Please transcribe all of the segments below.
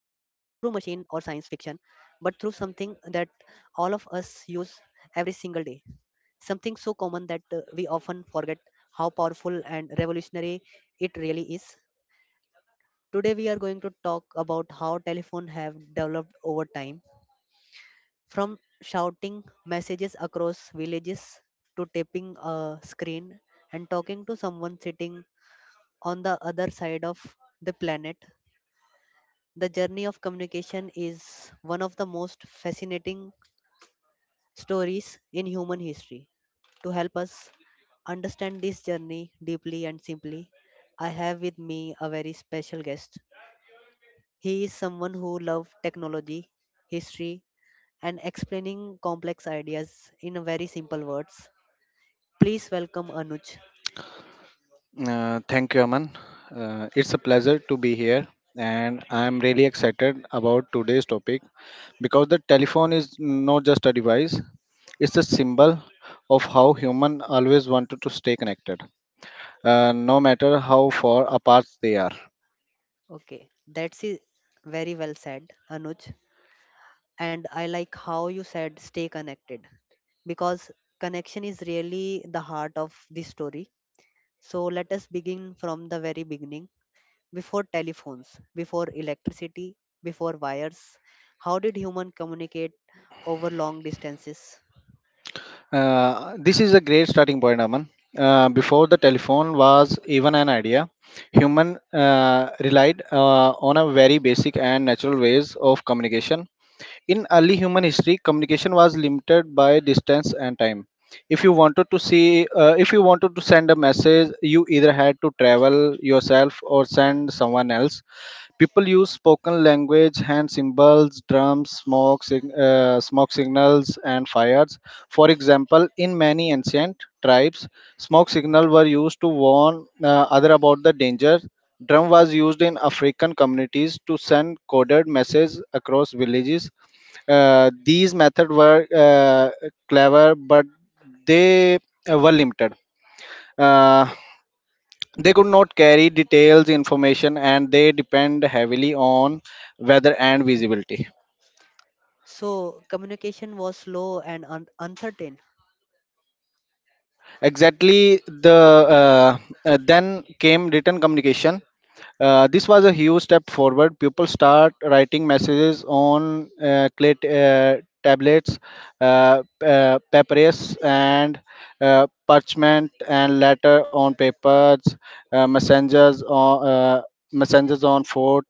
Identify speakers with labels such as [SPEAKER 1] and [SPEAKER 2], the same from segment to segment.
[SPEAKER 1] something that all of us use every single day. Something so common that we often forget how powerful and revolutionary it really is. Today we are going to talk about how telephone have developed over time, from shouting messages across villages to tapping a screen and talking to someone sitting on the other side of the planet. The journey of communication is one of the most fascinating stories in human history. To help us understand this journey deeply and simply, I have with me a very special guest. He is someone who loves technology, history, and explaining complex ideas in a very simple words. Please welcome Anuj.
[SPEAKER 2] Thank you, Aman. It's a pleasure to be here, and I'm really excited about today's topic because the telephone is not just a device, it's a symbol of how human always wanted to stay connected, no matter how far apart they are.
[SPEAKER 1] Okay, that's it. Very well said, Anuj. And I like how you said stay connected, because connection is really the heart of this story. So let us begin from the very beginning. Before telephones, before electricity, before wires, how did human communicate over long distances?
[SPEAKER 2] This is a great starting point, Aman. Before the telephone was even an idea, human relied on a very basic and natural ways of communication. In early human history, communication was limited by distance and time. If you wanted to see, if you wanted to send a message, you either had to travel yourself or send someone else. People used spoken language, hand symbols, drums, smoke, smoke signals, and fires. For example, in many ancient tribes, smoke signals were used to warn other about the danger. Drum was used in African communities to send coded messages across villages. These methods were clever, but they were limited. Uh, they could not carry details information and they depend heavily on weather and visibility.
[SPEAKER 1] So communication was slow and uncertain.
[SPEAKER 2] Exactly the uh, then came written communication. This was a huge step forward. People start writing messages on tablets, papyrus, and parchment, and later on papers, uh, messengers on uh, messengers on foot,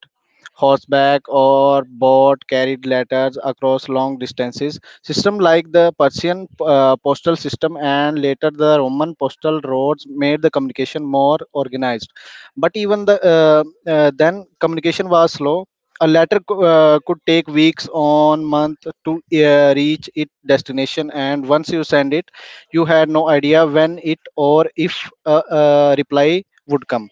[SPEAKER 2] horseback, or boat carried letters across long distances. System like the Persian postal system and later the Roman postal roads made the communication more organized. But even then communication was slow. A letter could take weeks on month to reach its destination, and once you send it you had no idea when it or if a reply would come.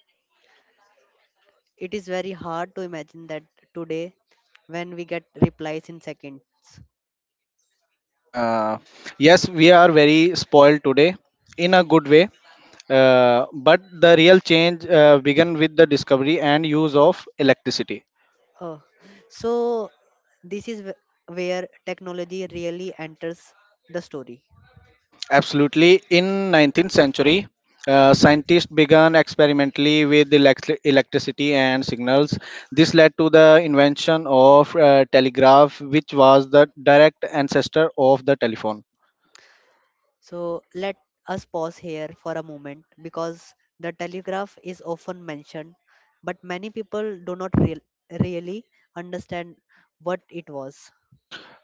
[SPEAKER 1] It is very hard to imagine that today, when we get replies in seconds.
[SPEAKER 2] uh, yes, we are very spoiled today, in a good way, but the real change began with the discovery and use of electricity.
[SPEAKER 1] Oh, so this is where technology really enters the story.
[SPEAKER 2] Absolutely. In 19th century, scientists began experimentally with electricity and signals. This led to the invention of telegraph, which was the direct ancestor of the telephone.
[SPEAKER 1] So let us pause here for a moment because the telegraph is often mentioned, but many people do not really understand what it was.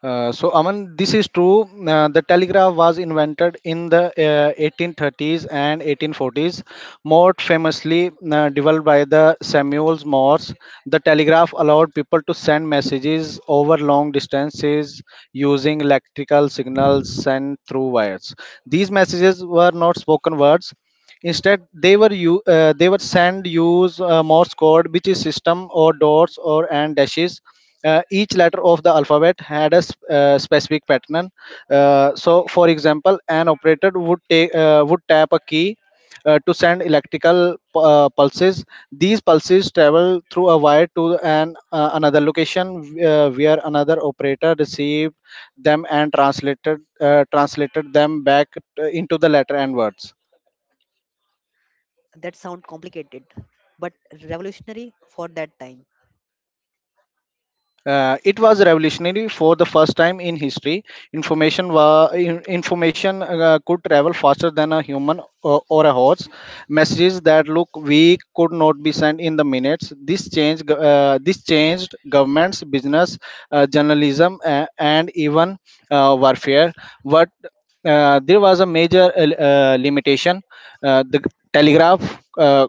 [SPEAKER 2] So Aman, this is true. The telegraph was invented in the 1830s and 1840s. More famously developed by the Samuel Morse, the telegraph allowed people to send messages over long distances using electrical signals sent through wires. These messages were not spoken words. Instead, they were sent use Morse code, which is system or dots or and dashes. Each letter of the alphabet had a specific pattern. So for example an operator would take would tap a key to send electrical pulses. These pulses travel through a wire to an another location, where another operator received them and translated them back into the letter and words.
[SPEAKER 1] That sound complicated but revolutionary for that time.
[SPEAKER 2] It was revolutionary. For the first time in history, information information could travel faster than a human or a horse. Messages that look weak could not be sent in the minutes. This changed governments, business, journalism, and even warfare. But there was a major limitation. Uh, the telegraph. Uh,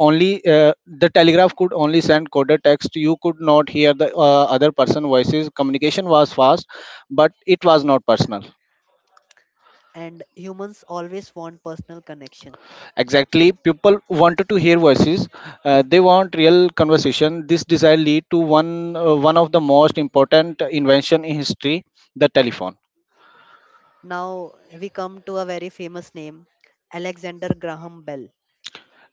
[SPEAKER 2] the telegraph could only send coded text. You could not hear the other person voices. Communication was fast but it was not personal.
[SPEAKER 1] And humans always want personal connection.
[SPEAKER 2] Exactly, people wanted to hear voices. They want real conversation. This desire lead to one of the most important invention in history, the telephone.
[SPEAKER 1] Now we come to a very famous name, Alexander Graham Bell.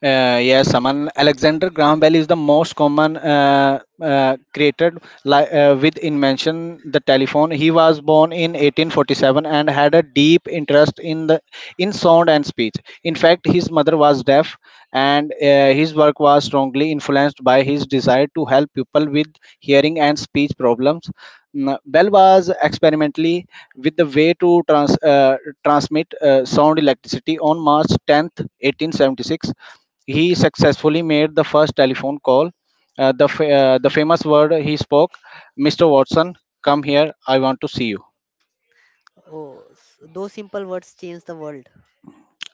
[SPEAKER 2] Yes, Saman. Alexander Graham Bell is the most common created with invention the telephone. He was born in 1847 and had a deep interest in the in sound and speech. In fact, his mother was deaf, and his work was strongly influenced by his desire to help people with hearing and speech problems. Mm, Bell was experimentally with the way to transmit sound electricity on March 10th, 1876. He successfully made the first telephone call. The famous word he spoke, Mr. Watson, come here, I want to see you.
[SPEAKER 1] Oh, those simple words changed the world.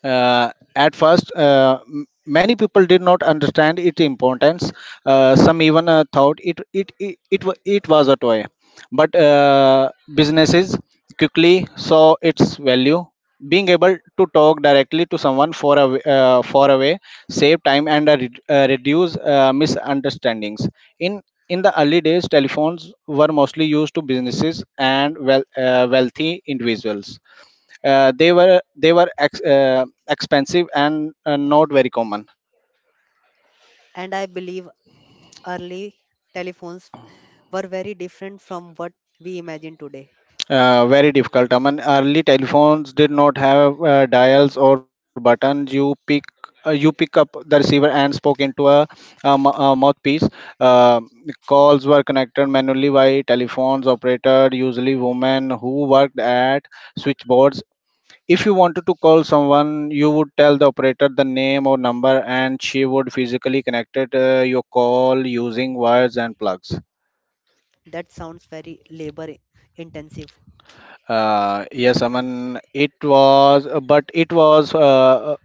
[SPEAKER 2] At first, many people did not understand its importance. Some even thought it was a toy. But businesses quickly saw its value. Being able to talk directly to someone far away save time and reduce misunderstandings. In in the early days, telephones were mostly used to businesses and well, wealthy individuals. Expensive and not very common.
[SPEAKER 1] And I believe early telephones were very different from what we imagine today.
[SPEAKER 2] Very difficult, I mean early telephones did not have dials or buttons. You pick up the receiver and spoke into a mouthpiece. uh, Calls were connected manually by telephones operator, usually women who worked at switchboards. If you wanted to call someone, you would tell the operator the name or number, and she would physically connect it, your call using wires and plugs.
[SPEAKER 1] That sounds very labor intensive.
[SPEAKER 2] Yes, Aman. It was, but uh,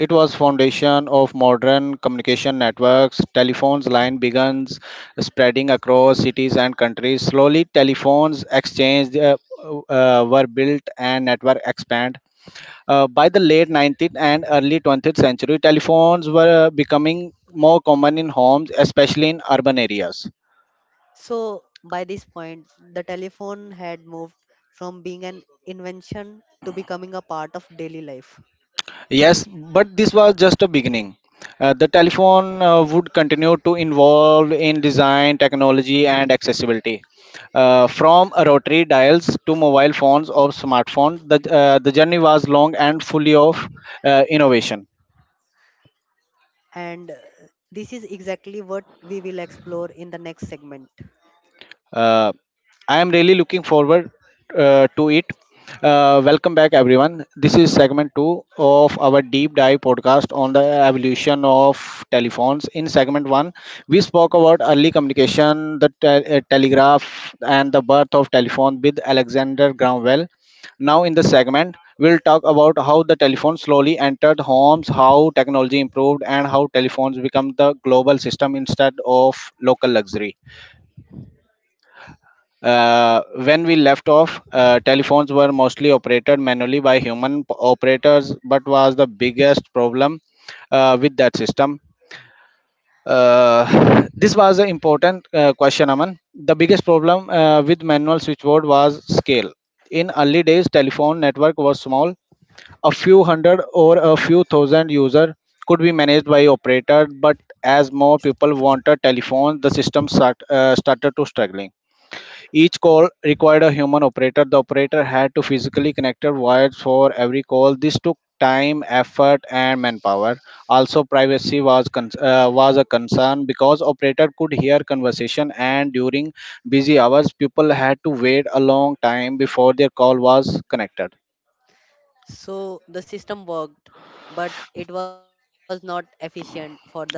[SPEAKER 2] it was foundation of modern communication networks. Telephones line begins spreading across cities and countries. Slowly, telephones exchange were built and network expand. By the late 19th and early 20th century, telephones were becoming more common in homes, especially in urban areas.
[SPEAKER 1] So, by this point, the telephone had moved from being an invention to becoming a part of daily life.
[SPEAKER 2] Yes, but this was just a beginning. The telephone would continue to involve in design, technology, and accessibility. From rotary dials to mobile phones or smartphones, the journey was long and fully of innovation.
[SPEAKER 1] And this is exactly what we will explore in the next segment.
[SPEAKER 2] Uh, I am really looking forward to it. Welcome back, everyone. This is segment two of our deep dive podcast on the evolution of telephones. In segment one, we spoke about early communication, the telegraph, and the birth of telephone with Alexander Graham Bell. Now, in the segment, we'll talk about how the telephone slowly entered homes, how technology improved, and how telephones become the global system instead of local luxury. When we left off, telephones were mostly operated manually by human operators, but was the biggest problem with that system. This was an important question, Aman. The biggest problem with manual switchboard was scale. In early days, telephone network was small. A few hundred or a few thousand user could be managed by operator, but as more people wanted telephones, the started to struggling. Each call required a human operator. The operator had to physically connect wires for every call. This took time, effort, and manpower. Also, privacy was was a concern because operator could hear conversation, and during busy hours, people had to wait a long time before their call was connected.
[SPEAKER 1] So, the system worked, but it was not efficient for the future.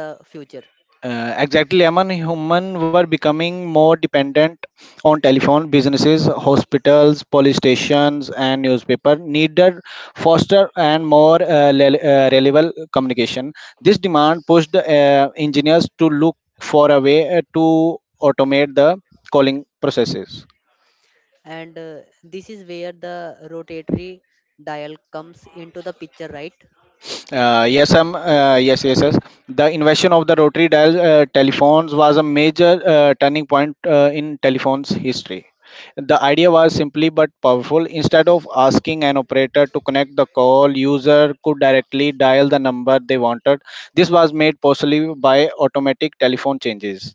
[SPEAKER 2] Exactly, Aman. Human were becoming more dependent on telephone. Businesses, hospitals, police stations, and newspaper needed faster and more reliable communication. This demand pushed engineers to look for a way to automate the calling processes.
[SPEAKER 1] And this is where the rotatory dial comes into the picture, right?
[SPEAKER 2] Yes. The invention of the rotary dial telephones was a major turning point in telephone's history. The idea was simply but powerful. Instead of asking an operator to connect the call, user could directly dial the number they wanted. This was made possible by automatic telephone changes.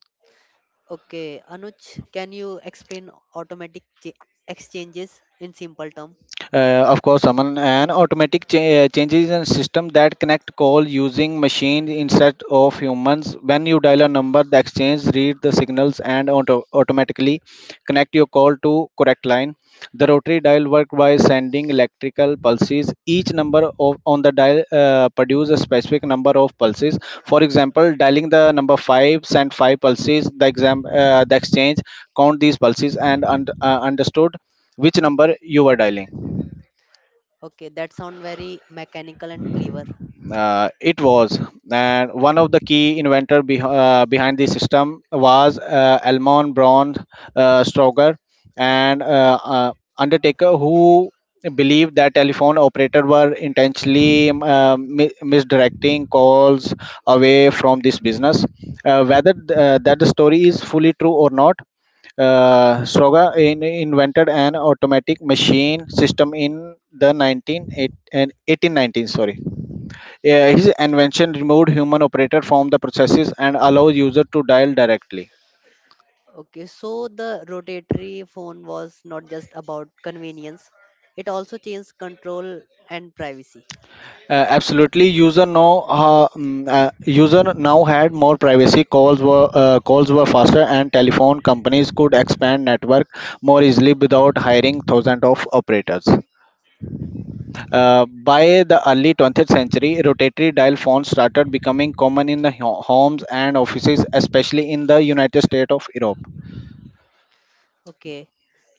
[SPEAKER 1] Okay, Anuj, can you explain exchanges in simple terms?
[SPEAKER 2] Of course Aman, an changes in system that connect call using machine instead of humans. When you dial a number the exchange read the signals and automatically connect your call to correct line. The rotary dial work by sending electrical pulses. Each number on the dial produce a specific number of pulses. For example, dialing the number 5 send 5 pulses. The exchange count these pulses and understood which number you were dialing.
[SPEAKER 1] Okay, that sound very mechanical and clever.
[SPEAKER 2] It was, and one of the key inventor behind the system was Elmon Braun Stroger, and Undertaker, who believed that telephone operator were intentionally misdirecting calls away from this business. Whether that the story is fully true or not, Stroger invented an automatic machine system in the 19 eight, and 1819. Sorry. Yeah, his invention removed human operator from the processes and allows user to dial directly.
[SPEAKER 1] Okay, so the rotatory phone was not just about convenience, it also changed control and privacy.
[SPEAKER 2] Absolutely, user now had more privacy. Calls were faster, and telephone companies could expand network more easily without hiring thousands of operators. By the early 20th century, rotatory dial phones started becoming common in the homes and offices, especially in the United States of Europe.
[SPEAKER 1] Okay,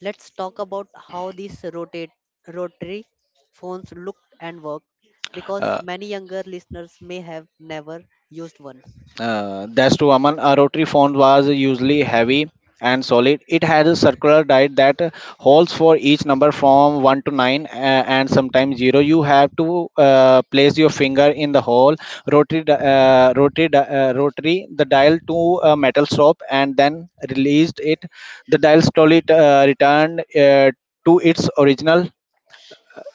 [SPEAKER 1] let's talk about how these rotate rotary phones looked and worked, because
[SPEAKER 2] Uh,
[SPEAKER 1] many younger listeners may have never used one.
[SPEAKER 2] That's true, Aman. A rotary phone was usually heavy and solid. It has a circular dial that holds for each number from 1 to 9 and sometimes 0. You have to place your finger in the hole, rotary the dial to a metal stop and then released it. The dial slowly returned to its original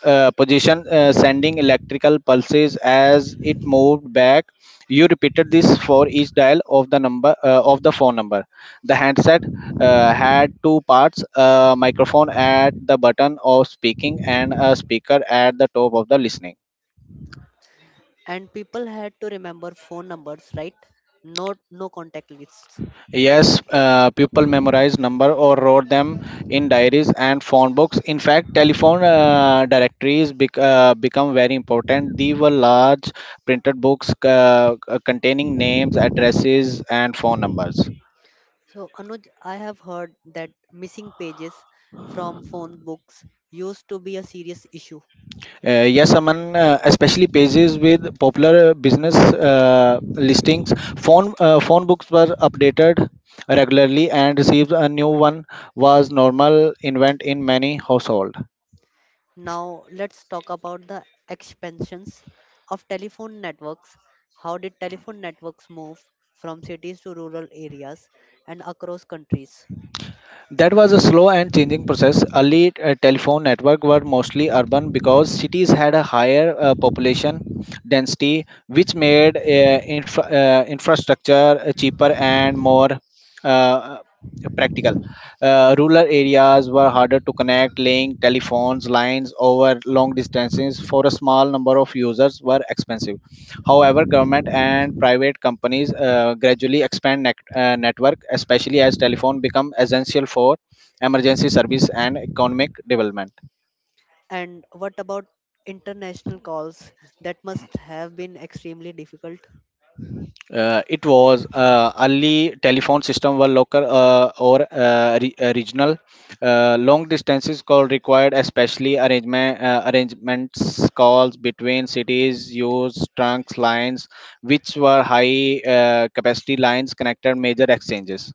[SPEAKER 2] position sending electrical pulses as it moved back. You repeated this for each dial of the number of the phone number. The handset had two parts, a microphone at the button of speaking and a speaker at the top of the listening.
[SPEAKER 1] And people had to remember phone numbers, right? No contact lists.
[SPEAKER 2] Yes, people memorized number or wrote them in diaries and phone books. In fact, telephone become very important. These were large printed books containing names, addresses, and phone numbers.
[SPEAKER 1] So, Anuj, I have heard that missing pages from phone books used to be a serious issue.
[SPEAKER 2] Yes, Aman, especially pages with popular business listings. Phone books were updated regularly, and received a new one was normal event in many households.
[SPEAKER 1] Now, let's talk about the expansions of telephone networks. How did telephone networks move from cities to rural areas and across countries?
[SPEAKER 2] That was a slow and changing process. Early telephone network were mostly urban because cities had a higher population density, which made infrastructure cheaper and more uh, practical. Rural areas were harder to connect, laying telephones lines over long distances for a small number of users were expensive. However, government and private companies gradually expand network, especially as telephone become essential for emergency service and economic development.
[SPEAKER 1] And what about international calls? That must have been extremely difficult.
[SPEAKER 2] It was Early telephone system were local or regional. Long distances call required, especially arrangement arrangements calls between cities. Used trunks lines, which were high capacity lines connected major exchanges.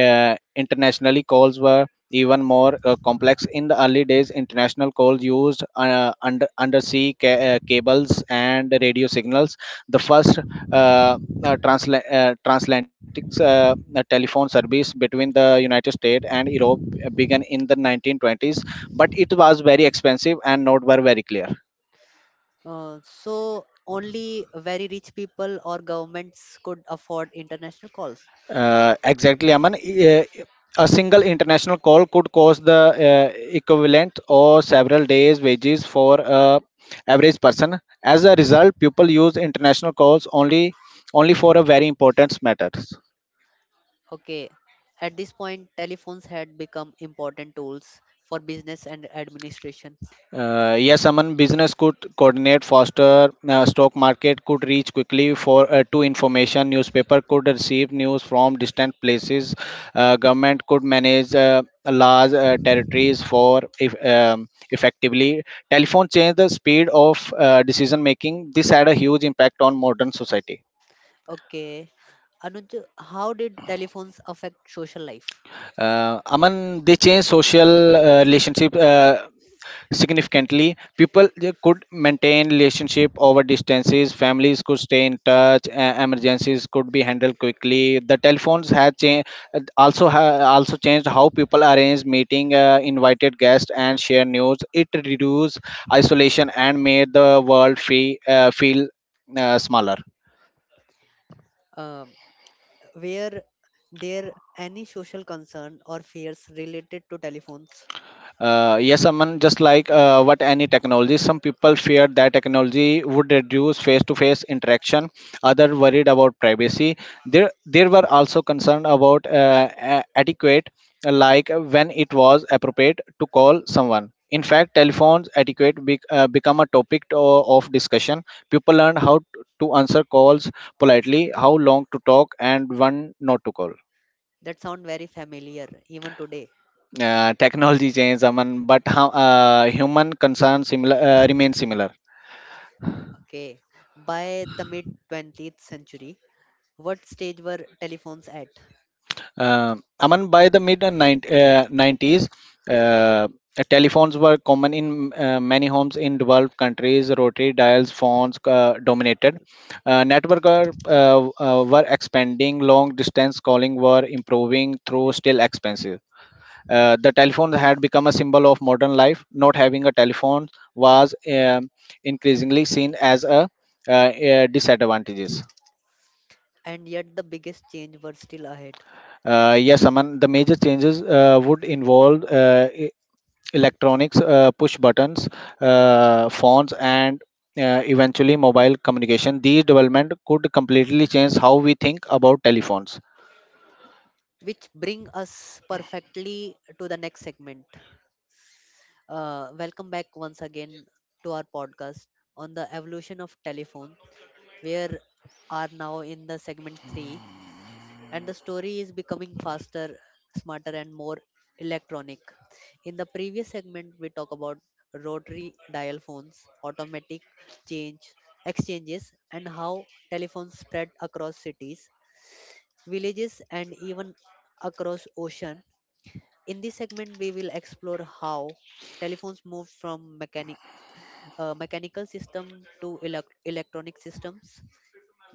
[SPEAKER 2] Internationally, calls were even more complex in the early days. International calls used undersea cables and radio signals. The first uh, transatlantic telephone service between the United States and Europe began in the 1920s, but it was very expensive and not were very clear.
[SPEAKER 1] So, only very rich people or governments could afford international calls.
[SPEAKER 2] Exactly, Aman. A single international call could cost the uh, equivalent or several days' wages for a average person. As a result, people use international calls only for a very important matters.
[SPEAKER 1] Okay. At this point, telephones had become important tools for business and administration.
[SPEAKER 2] Yes, someone business could coordinate faster. Stock market could reach quickly for to information. Newspaper could receive news from distant places. Government could manage large territories for if, effectively. Telephone changed the speed of decision making. This had a huge impact on modern society.
[SPEAKER 1] Okay. Anuj, how did telephones affect social life?
[SPEAKER 2] Aman, they change social relationship significantly. People they could maintain relationship over distances. Families could stay in touch. Emergencies could be handled quickly. The telephones had changed, also changed how people arrange meeting, invited guests and share news. It reduced isolation and made the world feel smaller.
[SPEAKER 1] Um, were there any social concern or fears related to telephones?
[SPEAKER 2] Yes, Aman, just like what any technology, some people fear that technology would reduce face-to-face interaction. Other worried about privacy. There were also concerned about etiquette, like when it was appropriate to call someone. In fact, telephones etiquette become a topic of discussion. People learned how to answer calls politely, how long to talk, and when not to call.
[SPEAKER 1] That sound very familiar even today.
[SPEAKER 2] Technology change, Aman, but how, human concerns similar remain similar.
[SPEAKER 1] Okay. By the mid 20th century, what stage were telephones at?
[SPEAKER 2] uh, Aman, by the mid 90s, uh, telephones were common in many homes in developed countries. Rotary dials phones dominated. Network were expanding. Long distance calling were improving, though still expensive. The telephone had become a symbol of modern life. Not having a telephone was increasingly seen as a disadvantages.
[SPEAKER 1] And yet the biggest change were still ahead.
[SPEAKER 2] Yes, Aman, the major changes would involve electronics, push buttons, phones, and eventually mobile communication. These development could completely change how we think about telephones.
[SPEAKER 1] Which bring us perfectly to the next segment. Welcome back once again to our podcast on the evolution of telephone. We are now in the segment 3, and the story is becoming faster, smarter and more electronic. In the previous segment we talk about rotary dial phones, automatic change exchanges, and how telephones spread across cities, villages and even across ocean. In this segment, we will explore how telephones move from mechanical system to electronic systems.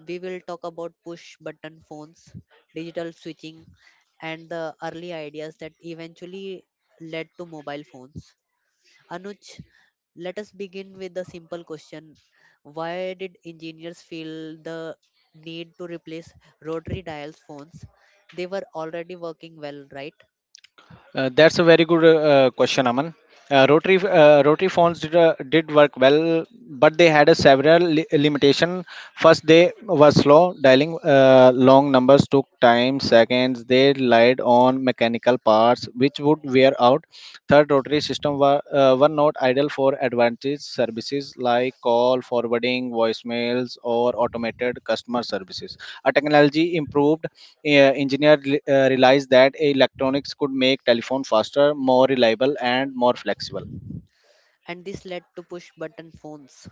[SPEAKER 1] We will talk about push button phones, digital switching, and the early ideas that eventually led to mobile phones. Anuj, let us begin with the simple question: why did engineers feel the need to replace rotary dial phones? They were already working well, right?
[SPEAKER 2] That's a very good question, Aman. Rotary phones did work well, but they had a several limitation. First, they were slow. Dialing long numbers took time, seconds. They relied on mechanical parts, which would wear out. Third, rotary system were not ideal for advantage services like call forwarding, voicemails, or automated customer services. A technology improved, engineer realized that electronics could make telephone faster, more reliable, and more flexible.
[SPEAKER 1] And this led to push button phones.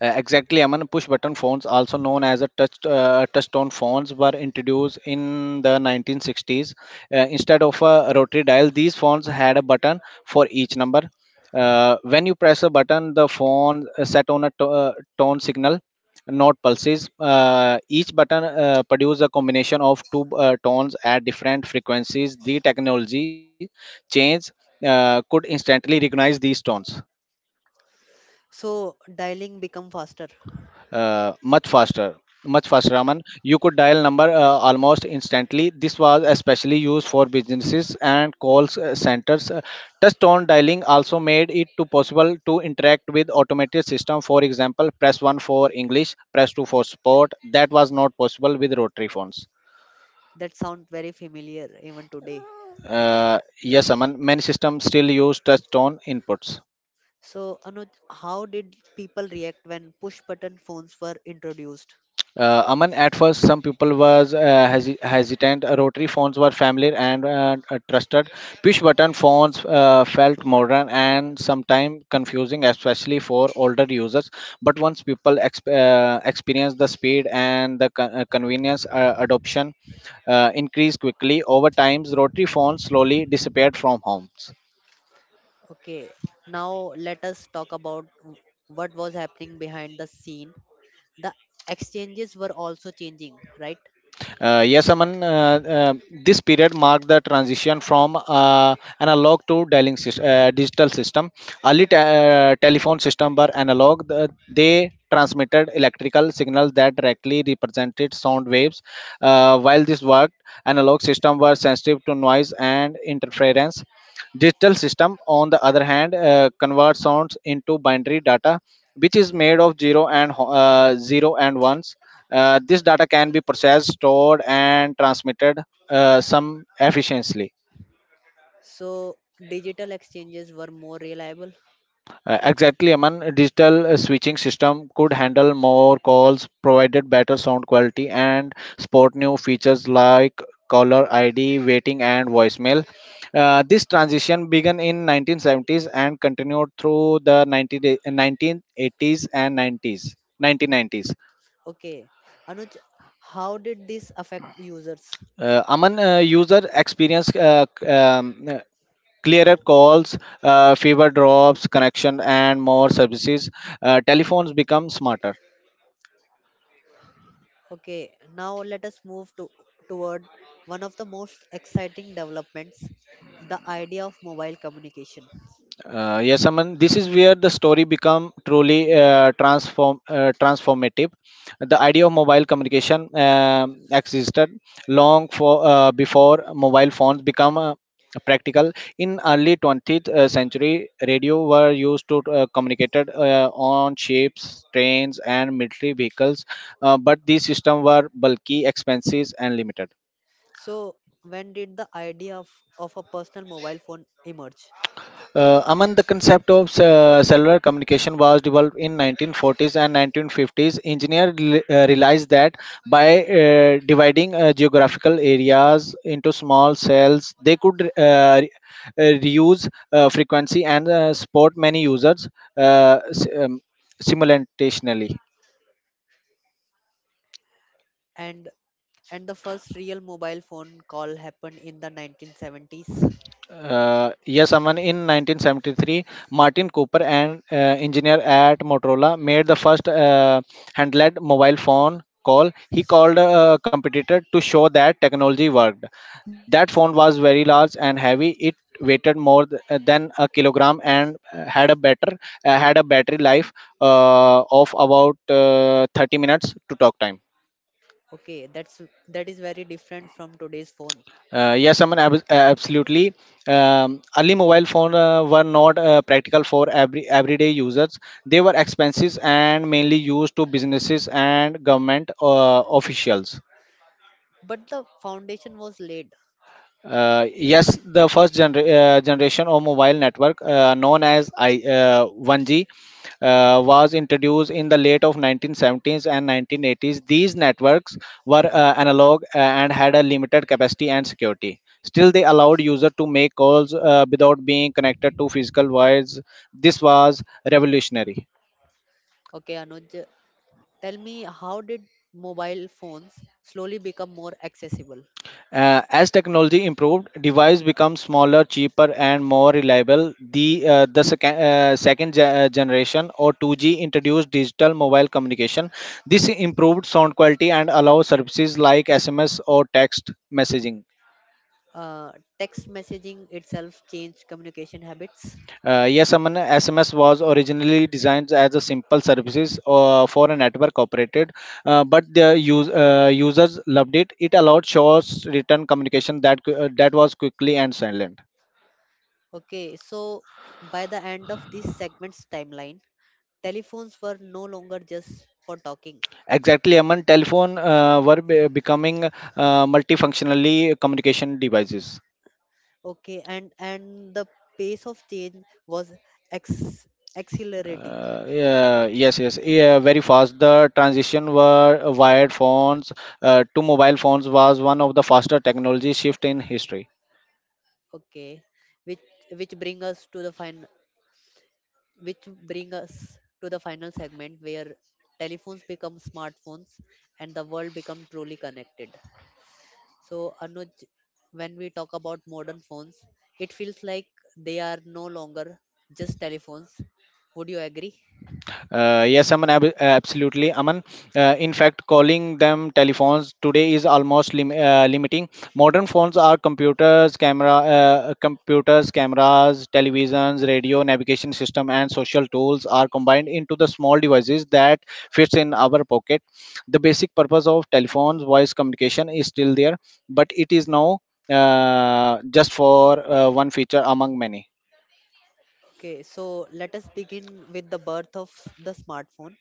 [SPEAKER 2] Exactly, Aman. Push button phones, also known as a touch-tone phones, were introduced in the 1960s. Instead of a rotary dial, these phones had a button for each number. When you press a button, the phone set on a tone signal, not pulses. Each button produces a combination of two tones at different frequencies. The technology change could instantly recognize these tones.
[SPEAKER 1] So dialing become faster.
[SPEAKER 2] Much faster. Much faster, Raman. You could dial number almost instantly. This was especially used for businesses and centers. Touch-tone dialing also made it to possible to interact with automated system. For example, press 1 for english, press 2 for sport. That was not possible with rotary phones.
[SPEAKER 1] That sound very familiar even today.
[SPEAKER 2] uh, yes, Aman, many systems still use touch-tone inputs.
[SPEAKER 1] So Anuj, how did people react when push button phones were introduced?
[SPEAKER 2] Aman, at first, some people was hesitant. Rotary phones were familiar and trusted. Push-button phones felt modern and sometimes confusing, especially for older users. But once people experienced the speed and the convenience, adoption increased quickly. Over time, rotary phones slowly disappeared from homes.
[SPEAKER 1] Okay, now let us talk about what was happening behind the scene. The exchanges were also changing, right?
[SPEAKER 2] Yes, Aman, this period marked the transition from analog to digital system. Early telephone system were analog. They transmitted electrical signals that directly represented sound waves. While this worked, analog system were sensitive to noise and interference. Digital system, on the other hand, convert sounds into binary data, which is made of zero and ones. This data can be processed, stored, and transmitted some efficiently.
[SPEAKER 1] So digital exchanges were more reliable.
[SPEAKER 2] Exactly, Aman. A digital switching system could handle more calls, provided better sound quality, and sport new features like caller ID, waiting, and voicemail. This transition began in 1970s and continued through the 1980s and 90s, 1990s.
[SPEAKER 1] Okay, Anuj, how did this affect users?
[SPEAKER 2] Aman, user experience clearer calls, fewer drops, connection, and more services. Telephones become smarter.
[SPEAKER 1] Okay, now let us move to toward one of the most exciting developments, the idea of mobile communication.
[SPEAKER 2] Yes, Aman. This is where the story become truly transformative. The idea of mobile communication existed long for before mobile phones become practical. In early 20th century, radio were used to communicated on ships, trains, and military vehicles. But these systems were bulky, expensive, and limited.
[SPEAKER 1] So, when did the idea of a personal mobile phone emerge?
[SPEAKER 2] Aman, the concept of cellular communication was developed in 1940s and 1950s. Engineers realized that by dividing geographical areas into small cells, they could reuse frequency and support many users uh, s- um, simultaneously.
[SPEAKER 1] And and the first real mobile phone call happened in the 1970s.
[SPEAKER 2] Yes, Aman, in 1973, Martin Cooper, an engineer at Motorola, made the first handheld mobile phone call. He called a competitor to show that technology worked. That phone was very large and heavy. It weighted more than a kilogram and had a battery life of about 30 minutes to talk time.
[SPEAKER 1] Okay, that is very different from today's phone.
[SPEAKER 2] Yes, Aman, absolutely. Early mobile phone were not practical for everyday users. They were expensive and mainly used to businesses and government officials.
[SPEAKER 1] But the foundation was laid.
[SPEAKER 2] Yes, the first generation of mobile network, known as 1G, was introduced in the late of 1970s and 1980s. These networks were analog and had a limited capacity and security. Still, they allowed user to make calls without being connected to physical wires. This was revolutionary.
[SPEAKER 1] Okay, Anuj, tell me how did mobile phones slowly become more accessible?
[SPEAKER 2] As technology improved, device become smaller, cheaper, and more reliable. The second generation or 2G introduced digital mobile communication. This improved sound quality and allow services like SMS or text messaging.
[SPEAKER 1] Uh, text messaging itself changed communication habits.
[SPEAKER 2] Yes, Aman, SMS was originally designed as a simple services for a network operated, but users loved it. It allowed short written communication that that was quickly and silent.
[SPEAKER 1] Okay, so by the end of this segment's timeline, telephones were no longer just for talking.
[SPEAKER 2] Exactly, Aman. Telephone becoming multifunctionally communication devices.
[SPEAKER 1] Okay, and the pace of change was ex- accelerating.
[SPEAKER 2] Yeah, yes, very fast. The transition were wired phones to mobile phones was one of the faster technology shift in history.
[SPEAKER 1] Okay, which which bring us to the final which bring us to the final segment where telephones become smartphones and the world become truly connected. So, Anuj, when we talk about modern phones, it feels like they are no longer just telephones. Would you agree?
[SPEAKER 2] Yes, Aman, absolutely. Aman, in fact, calling them telephones today is almost limiting. Modern phones are computers, cameras, televisions, radio, navigation system, and social tools are combined into the small devices that fits in our pocket. The basic purpose of telephones, voice communication, is still there, but it is now just for one feature among many.
[SPEAKER 1] Okay, so let us begin with the birth of the smartphone.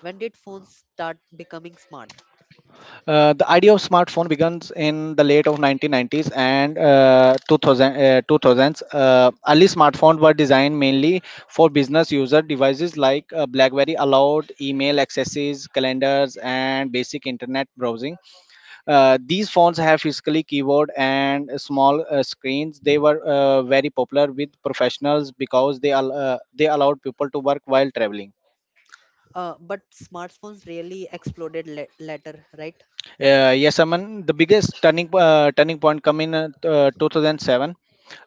[SPEAKER 1] When did phones start becoming smart?
[SPEAKER 2] The idea of smartphone begins in the late of 1990s and 2000s. Early smartphones were designed mainly for business user devices like BlackBerry allowed email accesses, calendars, and basic internet browsing. These phones have physically keyboard and small screens. They were very popular with professionals because they allowed people to work while traveling.
[SPEAKER 1] But smartphones really exploded later, right?
[SPEAKER 2] Yes, Aman. The biggest turning point come in 2007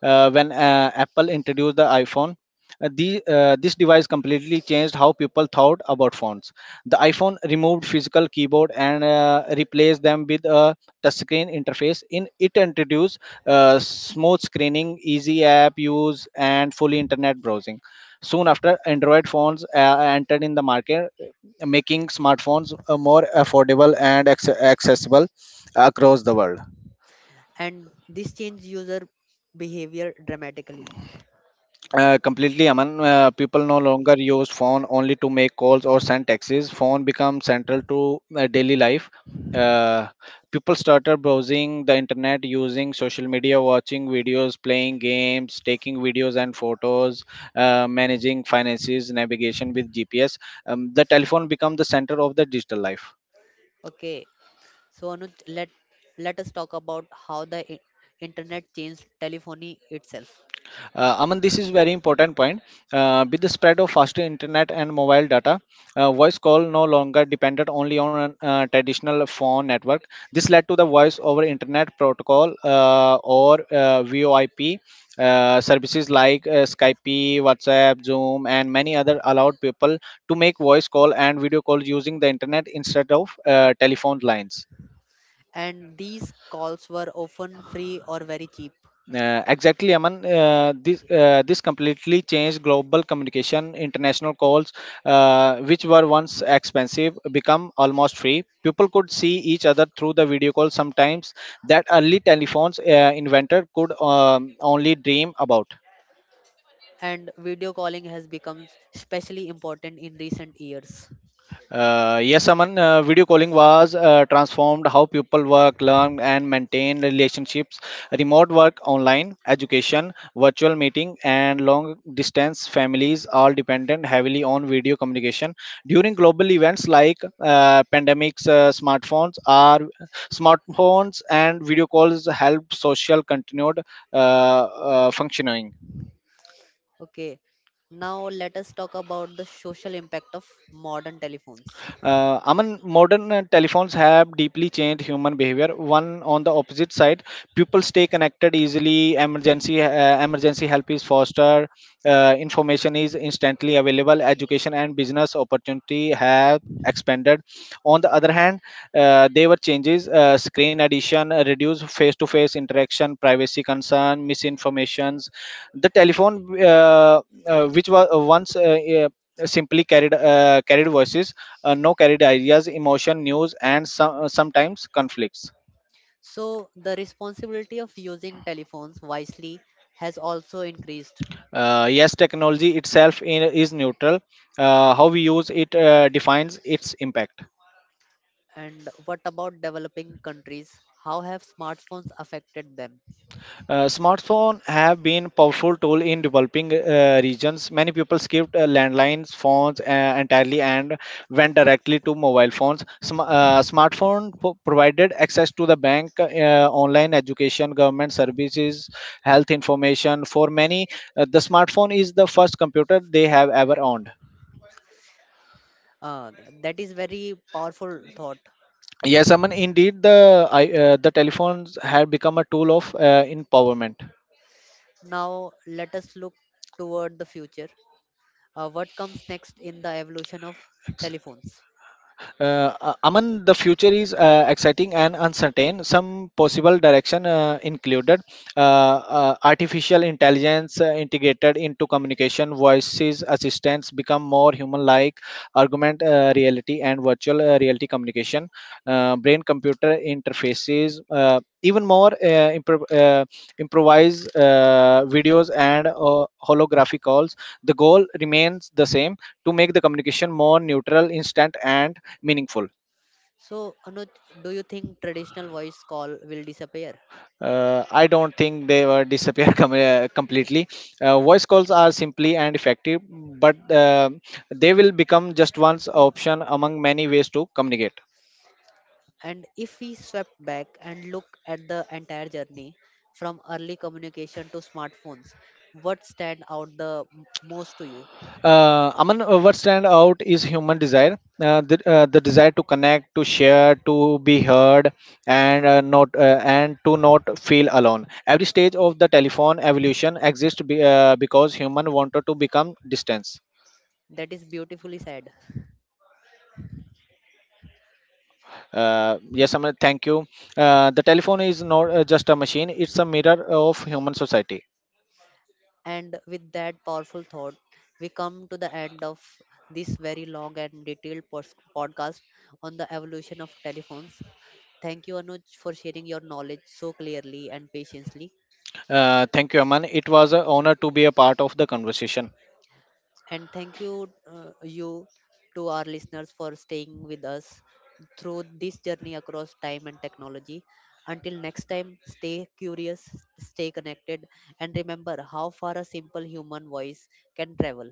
[SPEAKER 2] when Apple introduced the iPhone. This device completely changed how people thought about phones. The iPhone removed physical keyboard and replaced them with a touchscreen interface. In it introduced smooth screening, easy app use, and fully internet browsing. Soon after, Android phones entered in the market, making smartphones more affordable and accessible across the world.
[SPEAKER 1] And this changed user behavior dramatically.
[SPEAKER 2] Completely, Aman. People no longer use phone only to make calls or send texts. Phone becomes central to daily life. Uh, people started browsing the internet, using social media, watching videos, playing games, taking videos and photos, managing finances, navigation with GPS. The telephone become the center of the digital life.
[SPEAKER 1] Okay, so Anuj, let us talk about how the internet changed telephony itself.
[SPEAKER 2] Aman, this is very important point. With the spread of faster internet and mobile data, voice call no longer depended only on an traditional phone network. This led to the voice over internet protocol or VoIP services like Skype, WhatsApp, Zoom, and many other allowed people to make voice call and video call using the internet instead of telephone lines.
[SPEAKER 1] And these calls were often free or very cheap.
[SPEAKER 2] Exactly, Aman. This completely changed global communication. International calls, which were once expensive, become almost free. People could see each other through the video call. Sometimes that early telephones inventor could only dream about.
[SPEAKER 1] And video calling has become especially important in recent years.
[SPEAKER 2] Yes, Aman, video calling was transformed how people work, learn, and maintain relationships. Remote work, online education, virtual meeting, and long distance families all dependent heavily on video communication. During global events like pandemics, smartphones and video calls help social continued functioning.
[SPEAKER 1] Okay, now let us talk about the social impact of modern telephones.
[SPEAKER 2] Aman, modern telephones have deeply changed human behavior. One on the opposite side, people stay connected easily. Emergency help is faster. Information is instantly available. Education and business opportunity have expanded. On the other hand, there were changes. Screen addition, reduced face-to-face interaction, privacy concern, misinformations. The telephone, which was once simply carried voices no carried ideas emotion news and sometimes conflicts.
[SPEAKER 1] So, the responsibility of using telephones wisely has also increased.
[SPEAKER 2] Uh, yes, technology itself is neutral. Uh, how we use it defines its impact.
[SPEAKER 1] And what about developing countries? How have smartphones affected them?
[SPEAKER 2] Smartphones have been powerful tool in developing regions. Many people skipped landlines phones entirely and went directly to mobile phones. Smartphone provided access to the bank, online education, government services, health information. For many, the smartphone is the first computer they have ever owned.
[SPEAKER 1] Uh, that is very powerful thought.
[SPEAKER 2] Yes, Aman, indeed, the telephones have become a tool of empowerment.
[SPEAKER 1] Now, let us look toward the future. What comes next in the evolution of telephones?
[SPEAKER 2] Aman, the future is exciting and uncertain. Some possible direction included artificial intelligence integrated into communication, voices, assistants become more human-like, augmented reality and virtual reality communication, brain-computer interfaces, even more improvised videos and holographic calls. The goal remains the same to make the communication more neutral, instant, and meaningful.
[SPEAKER 1] So, Anuj, do you think traditional voice call will disappear?
[SPEAKER 2] I don't think they were disappeared completely. Voice calls are simply and effective, but they will become just one option among many ways to communicate.
[SPEAKER 1] And if we step back and look at the entire journey from early communication to smartphones, what stand out the most to you?
[SPEAKER 2] Among what stand out is human desire, the desire to connect, to share, to be heard, and not and to not feel alone. Every stage of the telephone evolution exists because human wanted to become distant.
[SPEAKER 1] That is beautifully said.
[SPEAKER 2] Yes, Amir, thank you. The telephone is not just a machine, it's a mirror of human society.
[SPEAKER 1] And with that powerful thought, we come to the end of this very long and detailed podcast on the evolution of telephones. Thank you, Anuj, for sharing your knowledge so clearly and patiently.
[SPEAKER 2] Thank you, Aman. It was an honor to be a part of the conversation.
[SPEAKER 1] And thank you, to our listeners for staying with us through this journey across time and technology. Until next time, stay curious, stay connected, and remember how far a simple human voice can travel.